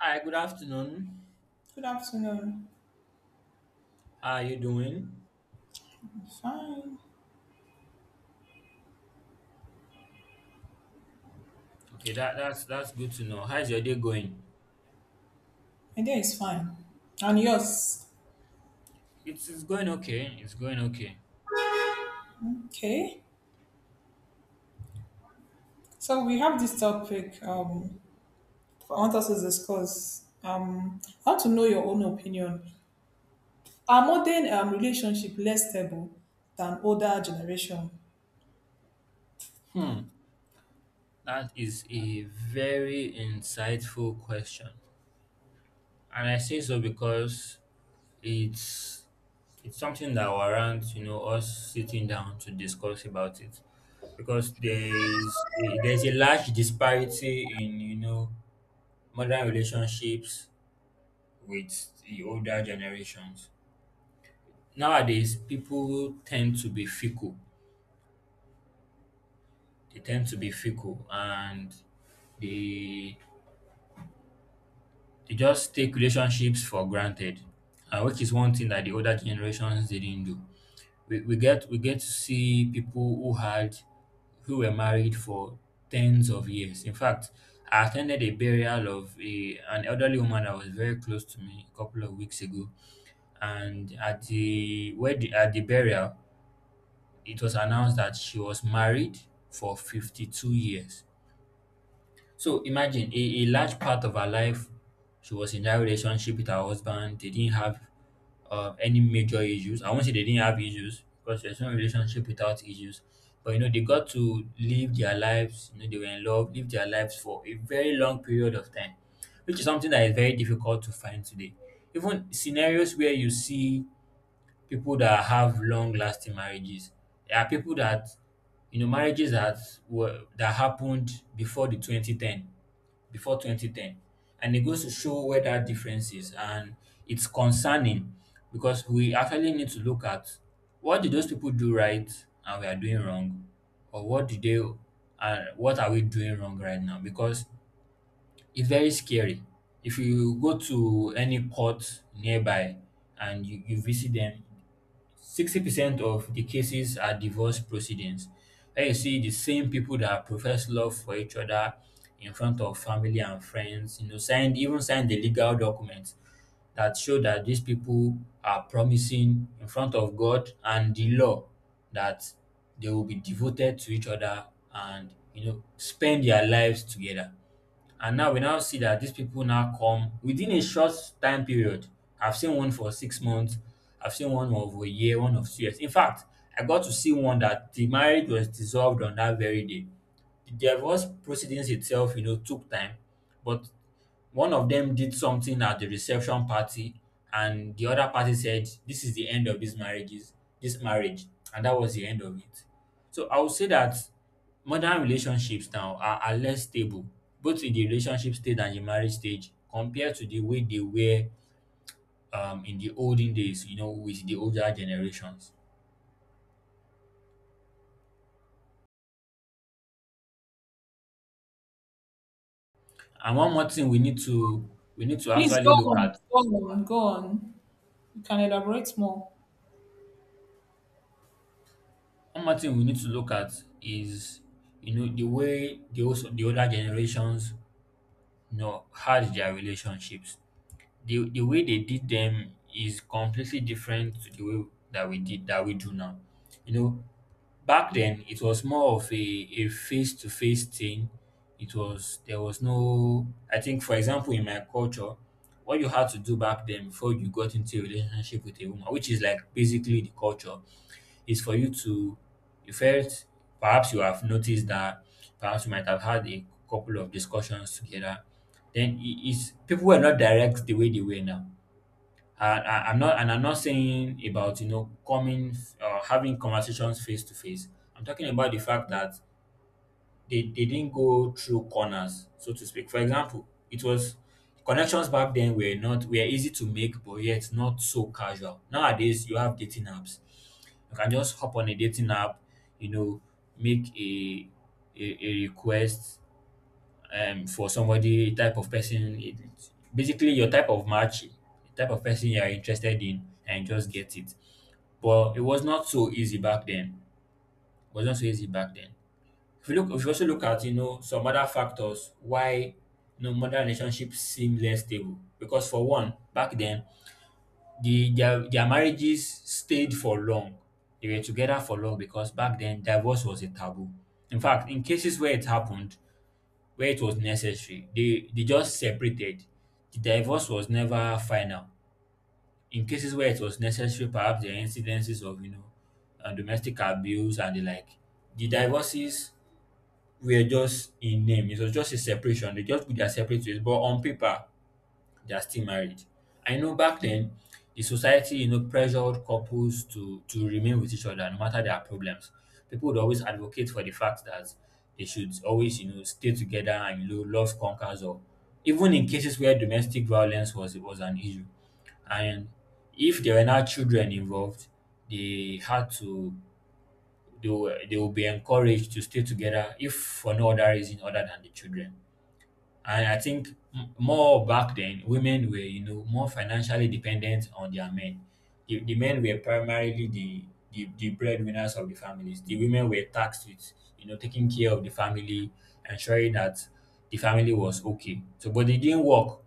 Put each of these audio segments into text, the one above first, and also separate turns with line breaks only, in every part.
Hi, good afternoon.
Good afternoon.
How are you doing?
Fine.
Okay, that's good to know. How's your day going?
My day is fine. And yours?
It's going okay. It's going okay.
Okay. So we have this topic. I want us to discuss. I want to know your own opinion. Are modern relationship less stable than older generation?
Hmm. That is a very insightful question. And I say so because it's it's something that warrants, us sitting down to discuss about it. Because there's a large disparity in, modern relationships with the older generations. Nowadays, people tend to be fickle. They tend to be fickle, and they they just take relationships for granted, which is one thing that the older generations didn't do. We get to see people who had who were married for tens of years. In fact, I attended a burial of an elderly woman that was very close to me a couple of weeks ago, and at the burial, it was announced that she was married for 52 years. So imagine a large part of her life, she was in that relationship with her husband. They didn't have any major issues. I won't say they didn't have issues because there's no relationship without issues. But you know, they got to live their lives, you know, they were in love, live their lives for a very long period of time, which is something that is very difficult to find today. Even scenarios where you see people that have long lasting marriages. There are people that, you know, marriages that were that happened before the 2010, before 2010, and it goes to show where that difference is. And it's concerning because we actually need to look at what did those people do right and we are doing wrong. Or what did they and what are we doing wrong right now? Because it's very scary. If you go to any court nearby and you visit them, 60% of the cases are divorce proceedings, where you see the same people that profess love for each other in front of family and friends, signed the legal documents that show that these people are promising in front of God and the law that they will be devoted to each other and you know spend their lives together. And now we now see that these people now come within a short time period. I've seen one for 6 months, I've seen one of a year, one of 2 years. In fact, I got to see one that the marriage was dissolved on that very day. The divorce proceedings itself, you know, took time, but one of them did something at the reception party and the other party said, "This is the end of this marriage." And that was the end of it. So I would say that modern relationships now are less stable, both in the relationship stage and the marriage stage, compared to the way they were in the olden days, you know, with the older generations. And one more thing we need to
Please go
actually look
on,
at
go on, go on. You can elaborate more.
one more thing we need to look at is, you know, the way the older generations, No, had their relationships. The way they did them is completely different to the way that we do now. You know, back then it was more of a face to face thing. It was there was no I think, for example, in my culture, what you had to do back then before you got into a relationship with a woman, which is like basically the culture, is for you to you felt perhaps you have noticed that, perhaps you might have had a couple of discussions together. Then it is people were not direct the way they were now. And I'm not saying about you know coming having conversations face to face. I'm talking about the fact that they didn't go through corners, so to speak. For example, it was connections back then were not were easy to make, but yet not so casual. Nowadays, you have dating apps. You can just hop on a dating app, you know, make a request for somebody, type of person. It's basically your type of match, the type of person you are interested in, and just get it. But it was not so easy back then. It was not so easy back then. If you look, if you also look at, you know, some other factors why, you know, modern relationships seem less stable, because for one, back then their marriages stayed for long. They were together for long because back then divorce was a taboo. In fact, in cases where it happened, where it was necessary, they just separated. The divorce was never final. In cases where it was necessary, perhaps there are incidences of you know domestic abuse and the like. The divorces were just in name. It was just a separation. They just put their separate ways, but on paper, they are still married. I know back then, the society, you know, pressured couples to remain with each other no matter their problems. People would always advocate for the fact that they should always, you know, stay together and you know, love conquers all. Even in cases where domestic violence was an issue, and if there were not children involved, they had to they will be encouraged to stay together if for no other reason other than the children. And I think more back then, women were, you know, more financially dependent on their men. The men were primarily the breadwinners of the families. The women were tasked with, you know, taking care of the family, ensuring that the family was okay. So, but they didn't work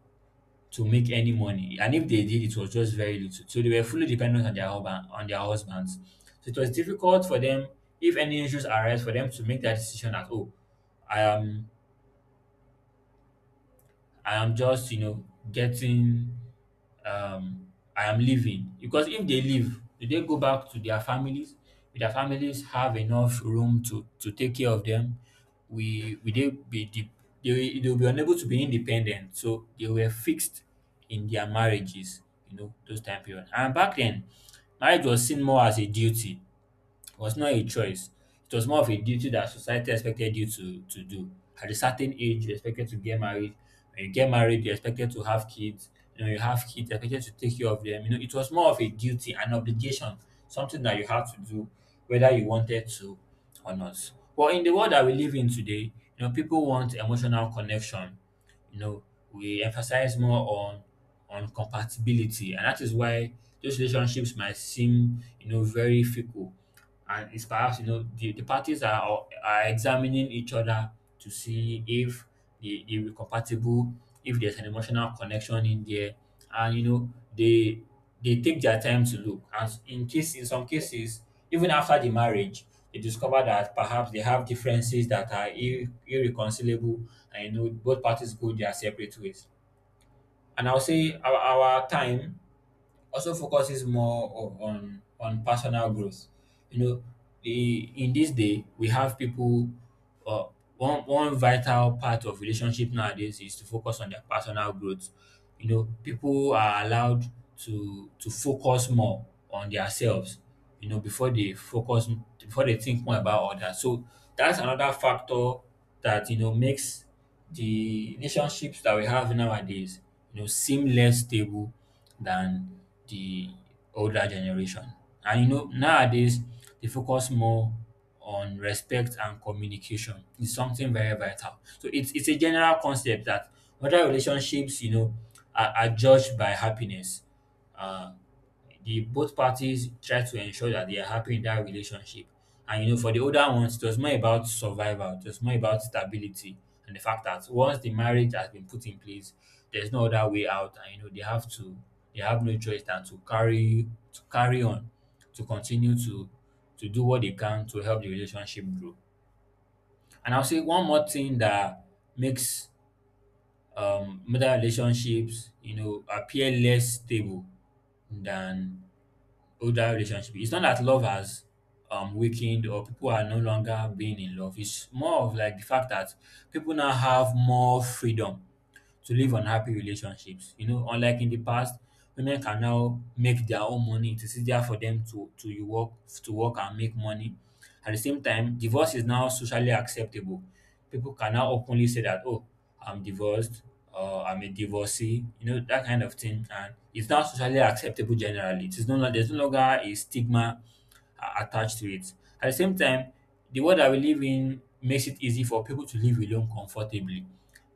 to make any money. And if they did, it was just very little. So they were fully dependent on on their husbands. So it was difficult for them, if any issues arise, for them to make that decision that, oh, I am I am just, you know, getting um, I am leaving. Because if they leave, do they go back to their families? Will their families have enough room to take care of them? We, will they be de- they, will- They will be unable to be independent. So they were fixed in their marriages, you know, those time period. And back then, marriage was seen more as a duty, was not a choice. It was more of a duty that society expected to do. At a certain age, you're expected to get married. When you get married, you're expected to have kids. You know, you have kids, you're expected to take care of them. You know, it was more of a duty, an obligation, something that you had to do, whether you wanted to or not. But in the world that we live in today, you know, people want emotional connection. You know, we emphasize more on compatibility, and that is why those relationships might seem, you know, very fickle. And it's perhaps you know the parties are examining each other to see if they were compatible, if there's an emotional connection in there, and you know they take their time to look. And in case in some cases, even after the marriage, they discover that perhaps they have differences that are irreconcilable, and you know both parties go their separate ways. And I'll say our time also focuses more on personal growth. You know, the in this day we have people. Uh, one vital part of relationship nowadays is to focus on their personal growth. You know, people are allowed to focus more on themselves. You know, before they think more about others. So that's another factor that you know makes the relationships that we have nowadays, you know, seem less stable than the older generation. And you know, nowadays they focus more on respect and communication. It's something very vital. So it's a general concept that other relationships, you know, are judged by happiness. Uh, the Both parties try to ensure that they are happy in that relationship. And you know, for the older ones, it was more about survival, it was more about stability, and the fact that once the marriage has been put in place, there's no other way out, and you know they have no choice than to carry on, to continue to do what they can to help the relationship grow. And I'll say one more thing that makes modern relationships, you know, appear less stable than older relationship. It's not that love has weakened or people are no longer being in love. It's more of like the fact that people now have more freedom to live unhappy relationships. You know, unlike in the past, women can now make their own money. It is easier for them to you work to work and make money. At the same time, divorce is now socially acceptable. People can now openly say that, oh, I'm divorced, or I'm a divorcee, you know, that kind of thing. And it's now socially acceptable generally. It is no longer there's no longer a stigma attached to it. At the same time, the world that we live in makes it easy for people to live alone comfortably.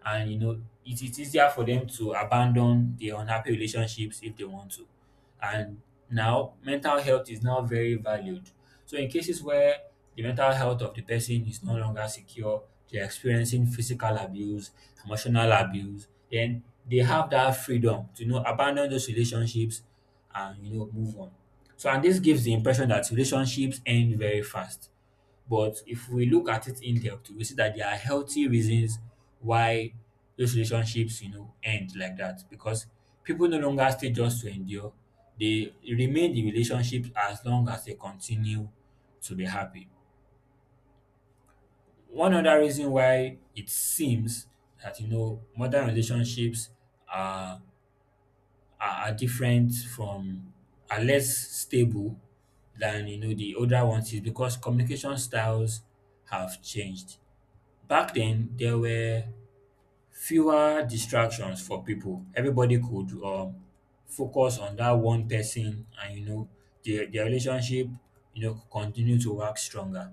And you know, it is easier for them to abandon the unhappy relationships if they want to, and now mental health is now very valued. So in cases where the mental health of the person is no longer secure, they're experiencing physical abuse, emotional abuse, then they have that freedom to, you know, abandon those relationships and, you know, move on. So and this gives the impression that relationships end very fast. But if we look at it in depth, we see that there are healthy reasons why those relationships, you know, end like that, because people no longer stay just to endure. They remain the relationship as long as they continue to be happy. One other reason why it seems that, you know, modern relationships are are different from, are less stable than, you know, the older ones is because communication styles have changed. Back then, there were fewer distractions for people. Everybody could focus on that one person, and, you know, their relationship, you know, could continue to work stronger.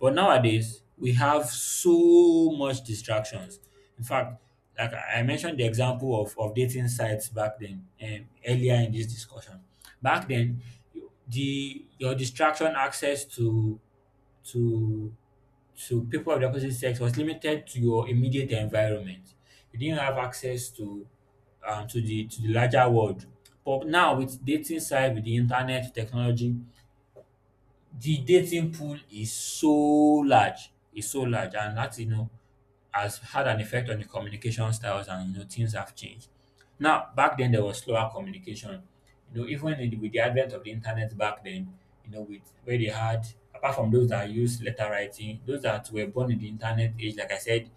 But nowadays, we have so much distractions. In fact, like I mentioned, the example of dating sites back then, earlier in this discussion. Back then, the your distraction access to to people of the opposite sex was limited to your immediate environment. You didn't have access to the larger world. But now with dating site, with the internet, technology, the dating pool is so large, and that, you know, has had an effect on the communication styles, and, you know, things have changed. Now back then there was slower communication. You know, with the advent of the internet back then, you know, with where they had, apart from those that used letter writing, those that were born in the internet age, like I said,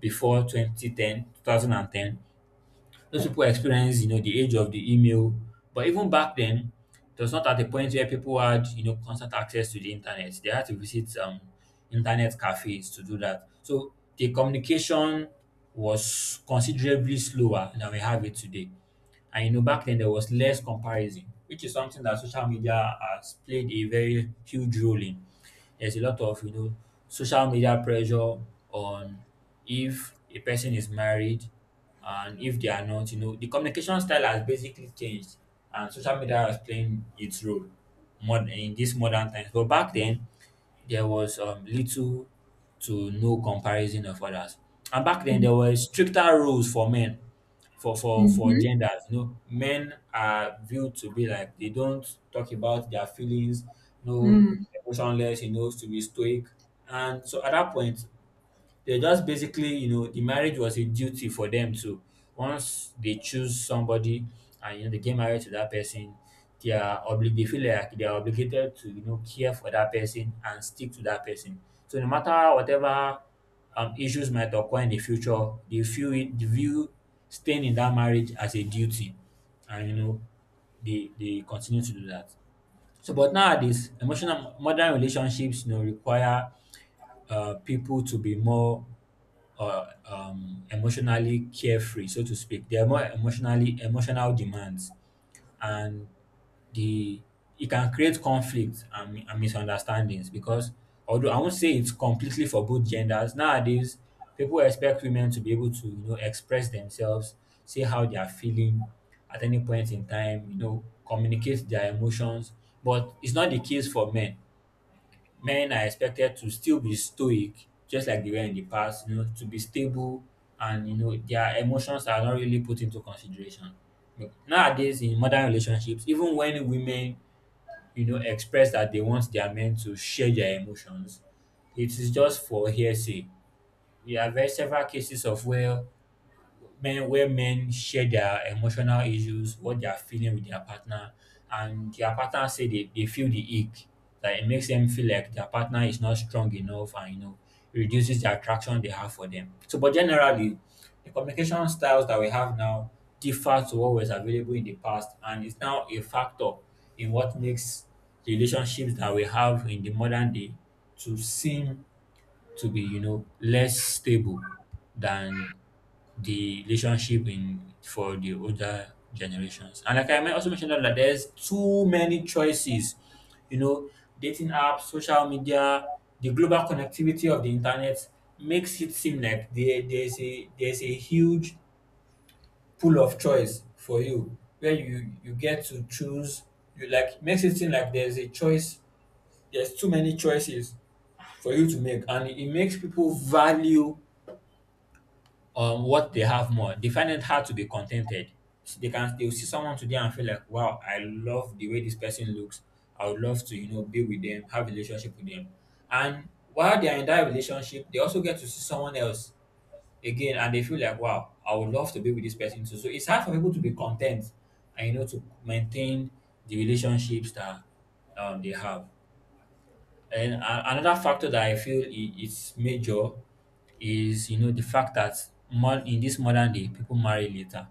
before 2010, 2010. Those people experience, you know, the age of the email. But even back then, it was not at the point where people had, you know, constant access to the internet. They had to visit internet cafes to do that. So the communication was considerably slower than we have it today. And, you know, back then there was less comparison, which is something that social media has played a very huge role in. There's a lot of, you know, social media pressure on if a person is married and if they are not. You know, the communication style has basically changed, and social media has playing its role more in these modern times. But back then there was little to no comparison of others. And back then, there were stricter rules for men, for genders. You know, men are viewed to be like they don't talk about their feelings, no, emotionless. You know, to be stoic. And so at that point, they just basically, you know, the marriage was a duty for them to, once they choose somebody and, you know, they get married to that person, they are they feel like they are obligated to, you know, care for that person and stick to that person. So no matter whatever issues might occur in the future, they feel it they view staying in that marriage as a duty. And, you know, they continue to do that. So, but nowadays, emotional modern relationships, you know, require people to be more or emotionally carefree, so to speak. They are more emotionally emotional demands, and the it can create conflict and, misunderstandings because, although I won't say it's completely for both genders nowadays, people expect women to be able to, you know, express themselves, say how they are feeling at any point in time, you know, communicate their emotions, but it's not the case for men. Men are expected to still be stoic, just like they were in the past, you know, to be stable, and, you know, their emotions are not really put into consideration. But nowadays in modern relationships, even when women, you know, express that they want their men to share their emotions, it is just for hearsay. We have very several cases of where men share their emotional issues, what they are feeling with their partner, and their partner say they feel the ick. Like it makes them feel like their partner is not strong enough, and, you know, it reduces the attraction they have for them. So but generally the communication styles that we have now differ to what was available in the past, and it's now a factor in what makes the relationships that we have in the modern day to seem to be, you know, less stable than the relationship in for the older generations. And like I might also mentioned that, like, there's too many choices, you know, dating apps, social media, the global connectivity of the internet makes it seem like there's a, there's a huge pool of choice for you, where you get to choose you like, makes it seem like there's a choice, there's too many choices for you to make, and it makes people value on what they have more, they find it hard to be contented. So they can, they'll see someone today and feel like, wow, I love the way this person looks. I would love to, you know, be with them, have relationship with them. And while they are in that relationship, they also get to see someone else again, and they feel like, wow, I would love to be with this person too. So it's hard for people to be content and, you know, to maintain the relationships that they have. And another factor that I feel is major is, you know, the fact that in this modern day people marry later.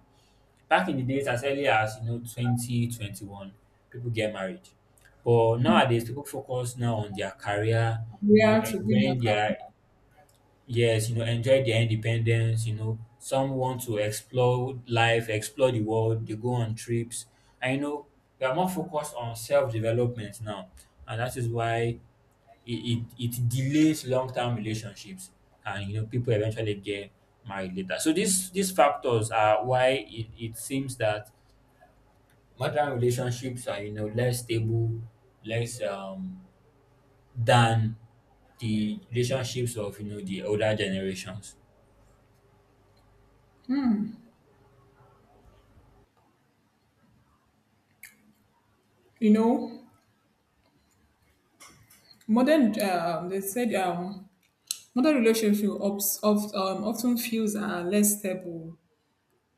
Back in the days, as early as, you know, twenty twenty one, people get married. But nowadays, people focus now on their career.
We
You know,
are to good
enjoying
and kind.
their, yes, you know, enjoy their independence. You know, some want to explore life, explore the world. They go on trips. I know they are more focused on self development now, and that is why it delays long-term relationships, and, you know, people eventually get married later. So these factors are why it seems that modern relationships are, you know, less stable, less than the relationships of, you know, the older generations.
You know, modern. They said modern relationship ups, of, often feels are less stable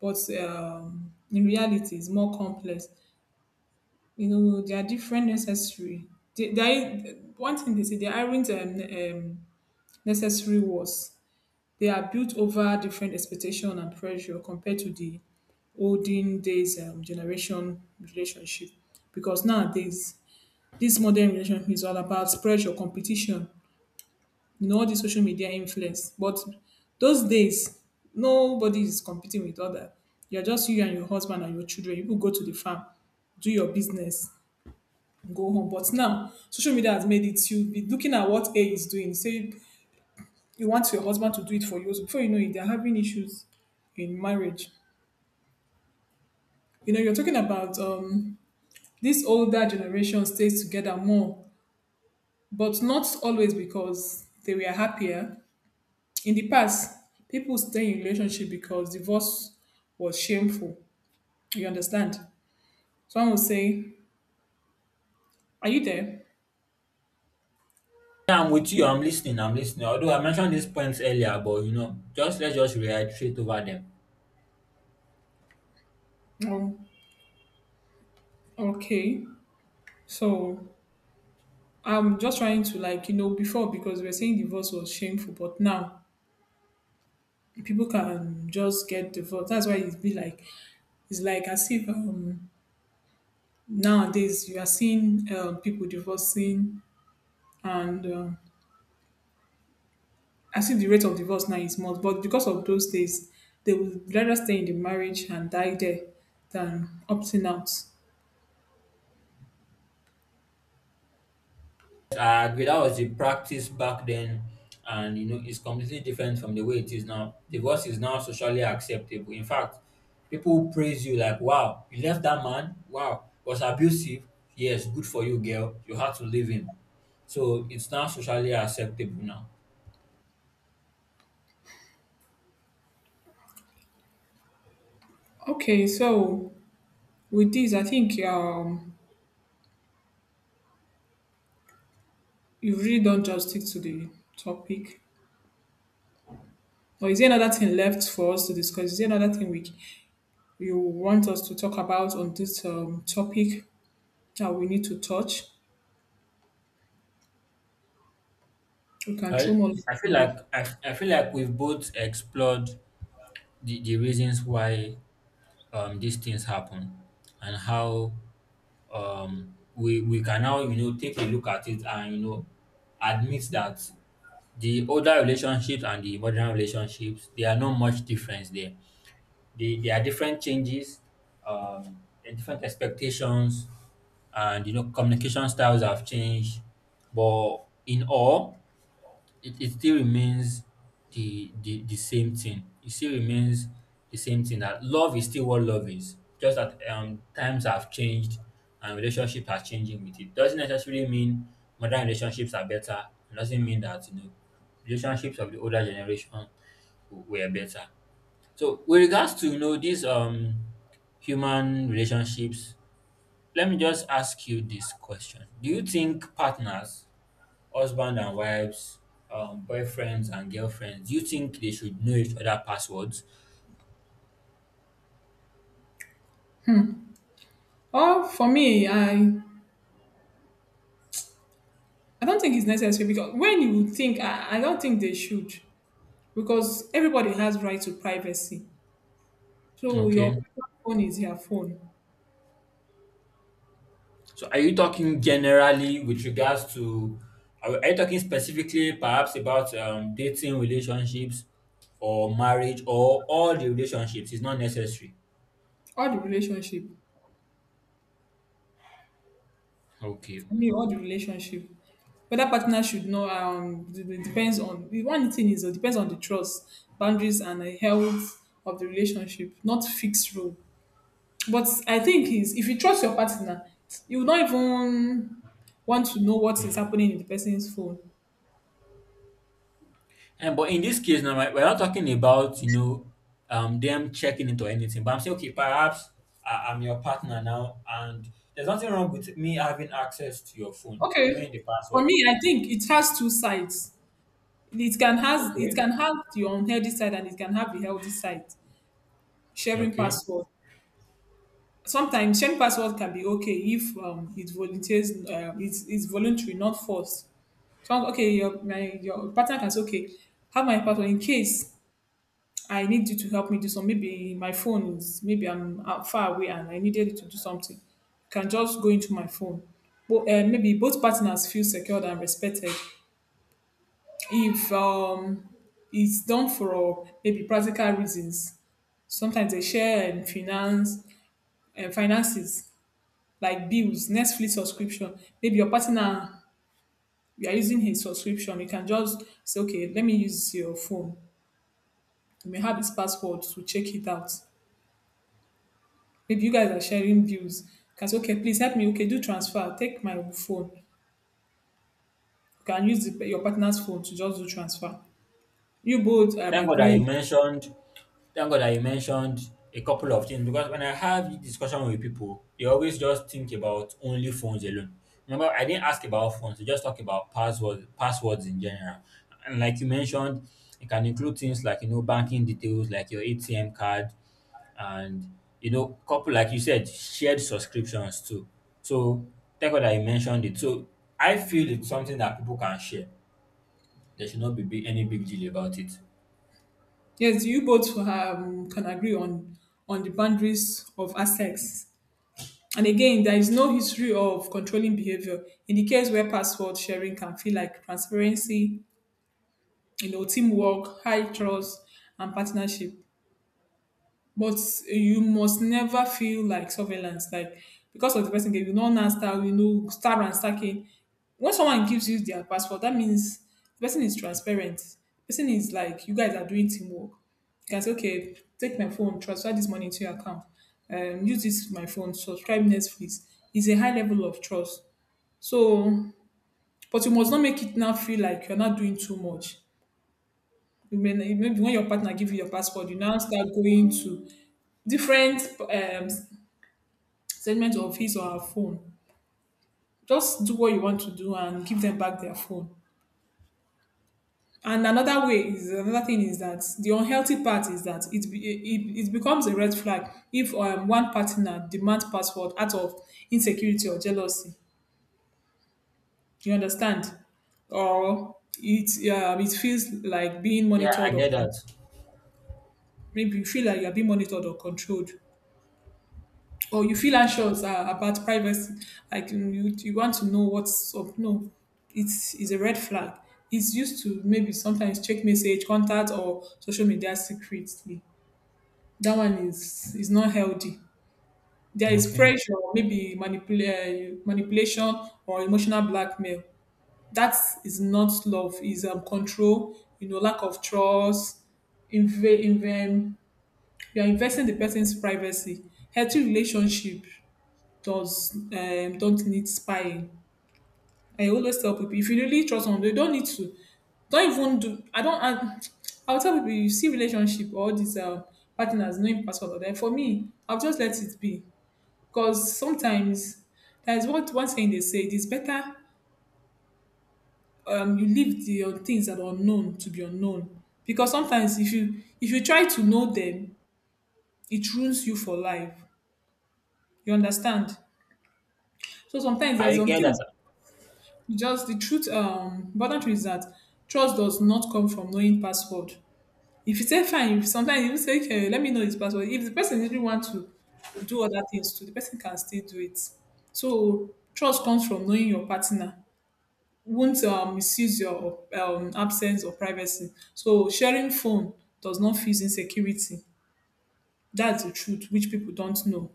but in reality it's more complex. You know, there are different necessary. One thing they say, they aren't necessary wars. They are built over different expectation and pressure compared to the olden days generation relationship. Because nowadays, this modern relationship is all about pressure, competition, you know, all this social media influence. But those days, nobody is competing with other. You're just you and your husband and your children. You could go to the farm, do your business, go home. But now, social media has made it. You'll be looking at what A is doing. Say you want your husband to do it for you. So before you know it, they're having issues in marriage. You know, you're talking about this older generation stays together more, but not always because they were happier. In the past, people stay in relationship because divorce was shameful. You understand? Someone will say, are you there?
Yeah, I'm with you, I'm listening, I'm listening, although I mentioned these points earlier, but, you know, just let's just reiterate over them.
Oh, okay. So I'm just trying to, like, you know, before because we are saying divorce was shameful, but now people can just get divorced. That's why it's be like, it's like as if nowadays you are seeing people divorcing and as if the rate of divorce now is much. But because of those days, they would rather stay in the marriage and die there than opting out.
I agree. That was the practice back then, and, you know, it's completely different from the way it is now. Divorce is now socially acceptable. In fact, people praise you like, "Wow, you left that man. Wow, was abusive. Yes, good for you, girl. You had to leave him." So it's now socially acceptable now.
Okay, so with this, I think you really don't just stick to the topic. Or is there another thing left for us to discuss? Is there another thing we you want us to talk about on this topic that we need to touch? We can
I
throw more light
I feel
on it.
like I feel like we've both explored the reasons why these things happen and how, we can now, you know, take a look at it, and, you know, admit that the older relationships and the modern relationships, there are no much difference there. There are different changes, and different expectations, and, you know, communication styles have changed, but in all, it still remains the the same thing. It still remains the same thing that love is still what love is. Just that times have changed and relationships are changing with it. Doesn't necessarily mean modern relationships are better. It doesn't mean that, you know, relationships of the older generation were better. So with regards to, you know, these human relationships, let me just ask you this question. Do you think partners, husband and wives, boyfriends and girlfriends, do you think they should know each other passwords?
Oh, for me, I don't think it's necessary because when you think, I don't think they should. Because everybody has right to privacy. So
Okay.
your phone is your phone.
So are you talking generally with regards to, are you talking specifically perhaps about dating relationships or marriage or all the relationships? It's not necessary.
All the relationship,
Okay.
I mean, all the relationship. Whether partner should know, depends on the one thing is it depends on the trust, boundaries, and the health of the relationship, not fixed rule. But I think is if you trust your partner, you will not even want to know what is happening in the person's phone.
And but in this case now, right, we're not talking about, you know, them checking it or anything. But I'm saying, okay, perhaps I'm your partner now, and there's nothing wrong with me having access to your phone,
Okay,
knowing the
for
password.
me, I think it has two sides. It can has it
Okay.
can have the unhealthy side and it can have the healthy side. Sharing
Okay.
password. Sometimes sharing password can be okay if it volunteers it's voluntary, not forced. So okay, your partner can say, okay, have my password in case I need you to help me do some. Maybe my phone is maybe I'm out far away and I needed you to do something. You can just go into my phone. But maybe both partners feel secured and respected if it's done for maybe practical reasons. Sometimes they share finance and finances like bills, Netflix subscription. Maybe your partner you are using his subscription. You can just say, okay, let me use your phone. You may have his password to check it out. Maybe you guys are sharing bills. You can say, okay, please help me. Okay, do transfer. Take my phone. You can use your partner's phone to just do transfer. You both
Thank God that
agree.
you mentioned Thank God that you mentioned a couple of things, because when I have discussion with people, they always just think about only phones alone. Remember, I didn't ask about phones, they just talk about passwords in general. And like you mentioned, it can include things like, you know, banking details, like your ATM card, and, you know, couple like you said, shared subscriptions too. So thank God that you mentioned it. So I feel it's something that people can share. There should not be any big deal about it.
Yes, you both can agree on the boundaries of assets. And again, there is no history of controlling behavior in the case where password sharing can feel like transparency, you know, teamwork, high trust, and partnership. But you must never feel like surveillance, like because of the person gave you no now start, you know, start stacking. When someone gives you their passport, that means the person is transparent. The person is like, you guys are doing teamwork. You can say, okay, take my phone, transfer this money to your account, use this my phone, subscribe Netflix. It's a high level of trust. So, but you must not make it now feel like you're not doing too much. You may, maybe when your partner give you your passport, you now start going to different statement of his or her phone. Just do what you want to do and give them back their phone. And another way is another thing is that the unhealthy part is that it it becomes a red flag if one partner demands password out of insecurity or jealousy. You understand? Or it it feels like being
Yeah, I
monitored, or
get that.
maybe you feel like you're being monitored or controlled, or you feel anxious about privacy, like you want to know what's up. No, it's a red flag. It's used to maybe sometimes check message, contact, or social media secretly. That one is not healthy. There is
Okay.
pressure, maybe manipulation or emotional blackmail. That is not love. Is control. You know, lack of trust. Inv- inv- um, you are investing the person's privacy. Healthy relationship does don't need spying. I always tell people if you really trust someone, they don't need to. Don't even do. I don't. I, I'll tell people you see relationship or these partners knowing password or that. For me, I'll just let it be because sometimes that's what one saying they say. It is better you leave the things that are unknown to be unknown because sometimes if you try to know them, it ruins you for life. You understand? So sometimes there's
I
some
get that.
things. You just the truth important truth is that trust does not come from knowing password. If you say fine, if sometimes you say okay, let me know his password, if the person really want to do other things too, the person can still do it. So trust comes from knowing your partner won't misuse your absence or privacy, so sharing phone does not feel insecurity. That's the truth which people don't know.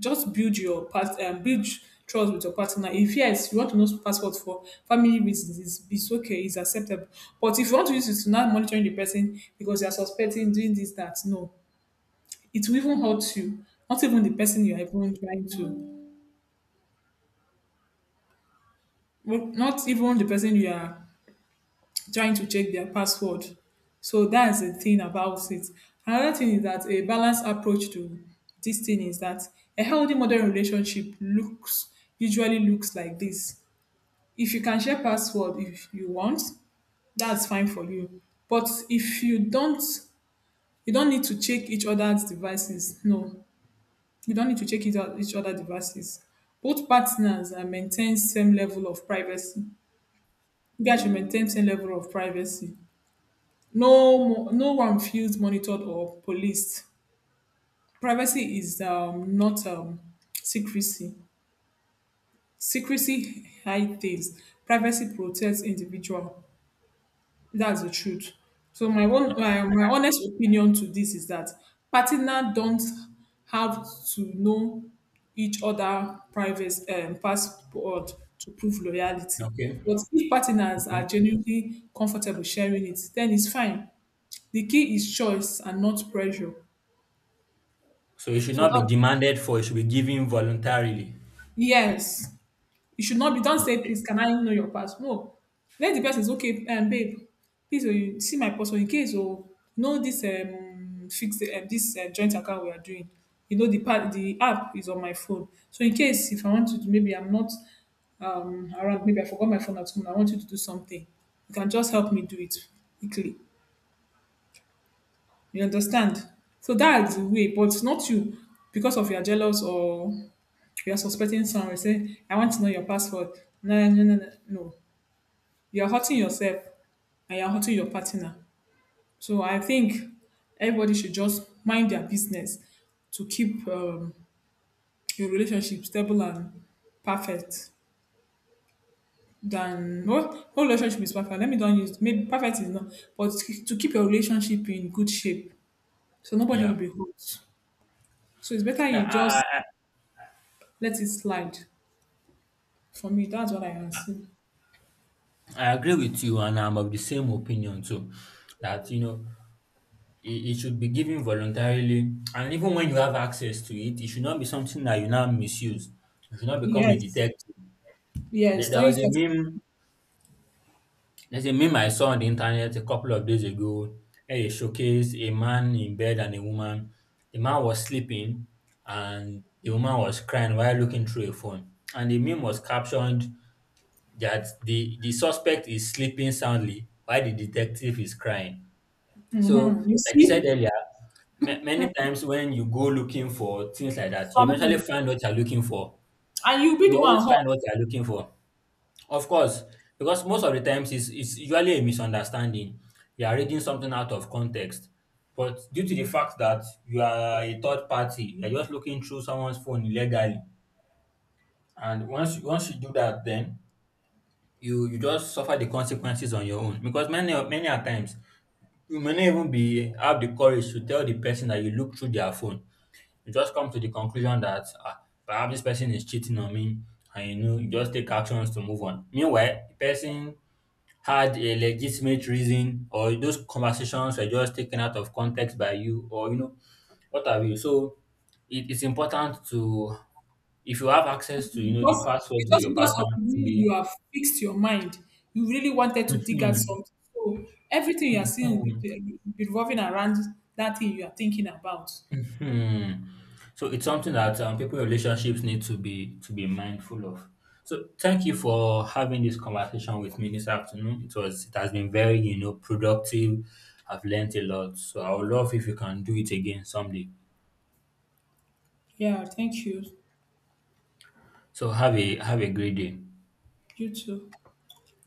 Just build trust with your partner. If yes, you want to know password for family reasons, it's okay, it's acceptable. But if you want to use it to not monitoring the person because you are suspecting doing this, that, no, it will even hurt you. Not even the person you are even trying to, well, not even the person you are trying to check their password. So that's the thing about it. Another thing is that a balanced approach to this thing is that a healthy modern relationship looks usually looks like this. If you can share password if you want, that's fine for you. But if you don't, you don't need to check each other's devices. No, you don't need to check each other devices. Both partners are maintain same level of privacy. You guys should maintain same level of privacy. No one feels monitored or policed. Privacy is not secrecy. Secrecy hide things, privacy protects individual. That's the truth. So my honest opinion to this is that partner don't have to know each other private passport to prove loyalty.
Okay.
But if partners
Okay.
are genuinely comfortable sharing it, then it's fine. The key is choice and not pressure.
So it should
So
not be
that
demanded for, it should be given voluntarily.
yes. You should not be, don't say,
Okay.
please, can I know your pass? No. Let the person say, okay, babe, please, oh, you see my password in case, oh, know this fixed, this joint account we are doing. You know, the part, the app is on my phone. So in case if I want to, do- maybe I'm not around, maybe I forgot my phone at home, I want you to do something. You can just help me do it quickly. You understand? So that's the way, but not you because of you're jealous or you're suspecting someone. Say, I want to know your password. No, no, no, no, no. You're hurting yourself and you're hurting your partner. So I think everybody should just mind their business to keep your relationship stable and perfect. Than no, no relationship is perfect. Let me don't use maybe perfect is not, but to keep your relationship in good shape, so nobody will
Yeah.
be hurt. So it's better
Yeah,
you just let it slide. For me, that's what I can see.
I agree with you, and I'm of the same opinion too. That, you know, it should be given voluntarily, and even when you have access to it, it should not be something that you now misuse. It should not become a
Yes,
detective. There
yes.
there
Don't you
was a
start?
meme There's a meme I saw on the internet a couple of days ago, where they showcased a man in bed and a woman. The man was sleeping and the woman was crying while looking through a phone. And the meme was captioned that the suspect is sleeping soundly while the detective is crying. So,
Hmm, you
like you said
see
earlier, many times when you go looking for things like that, you eventually
something,
find what you're looking for.
and you'll be
You
the one
always
hot
find what you're looking for. Of course, because most of the times it's usually a misunderstanding. You are reading something out of context. But due to the fact that you are a third party, you're just looking through someone's phone illegally. And once you do that, then you just suffer the consequences on your own. Because many a times you may not even be have the courage to tell the person that you look through their phone. You just come to the conclusion that, ah, perhaps this person is cheating on me, and, you know, you just take actions to move on. Meanwhile, the person had a legitimate reason, or those conversations were just taken out of context by you, or, you know, what have you. So it is important to, if you have access to, you know, the
because it's
passwords of
just
your
because
partner,
of the
to
way
be.
you have fixed your mind. You really wanted to dig at
Mhm,
something, so everything you are seeing
mhm,
will be revolving around that thing you are thinking about.
mhm. So it's something that, people in relationships need to be, to be mindful of. So thank you for having this conversation with me this afternoon. It was, it has been very, you know, productive. I've learned a lot, so I would love if you can do it again someday.
Yeah, thank you.
So have a, have a great day.
You too.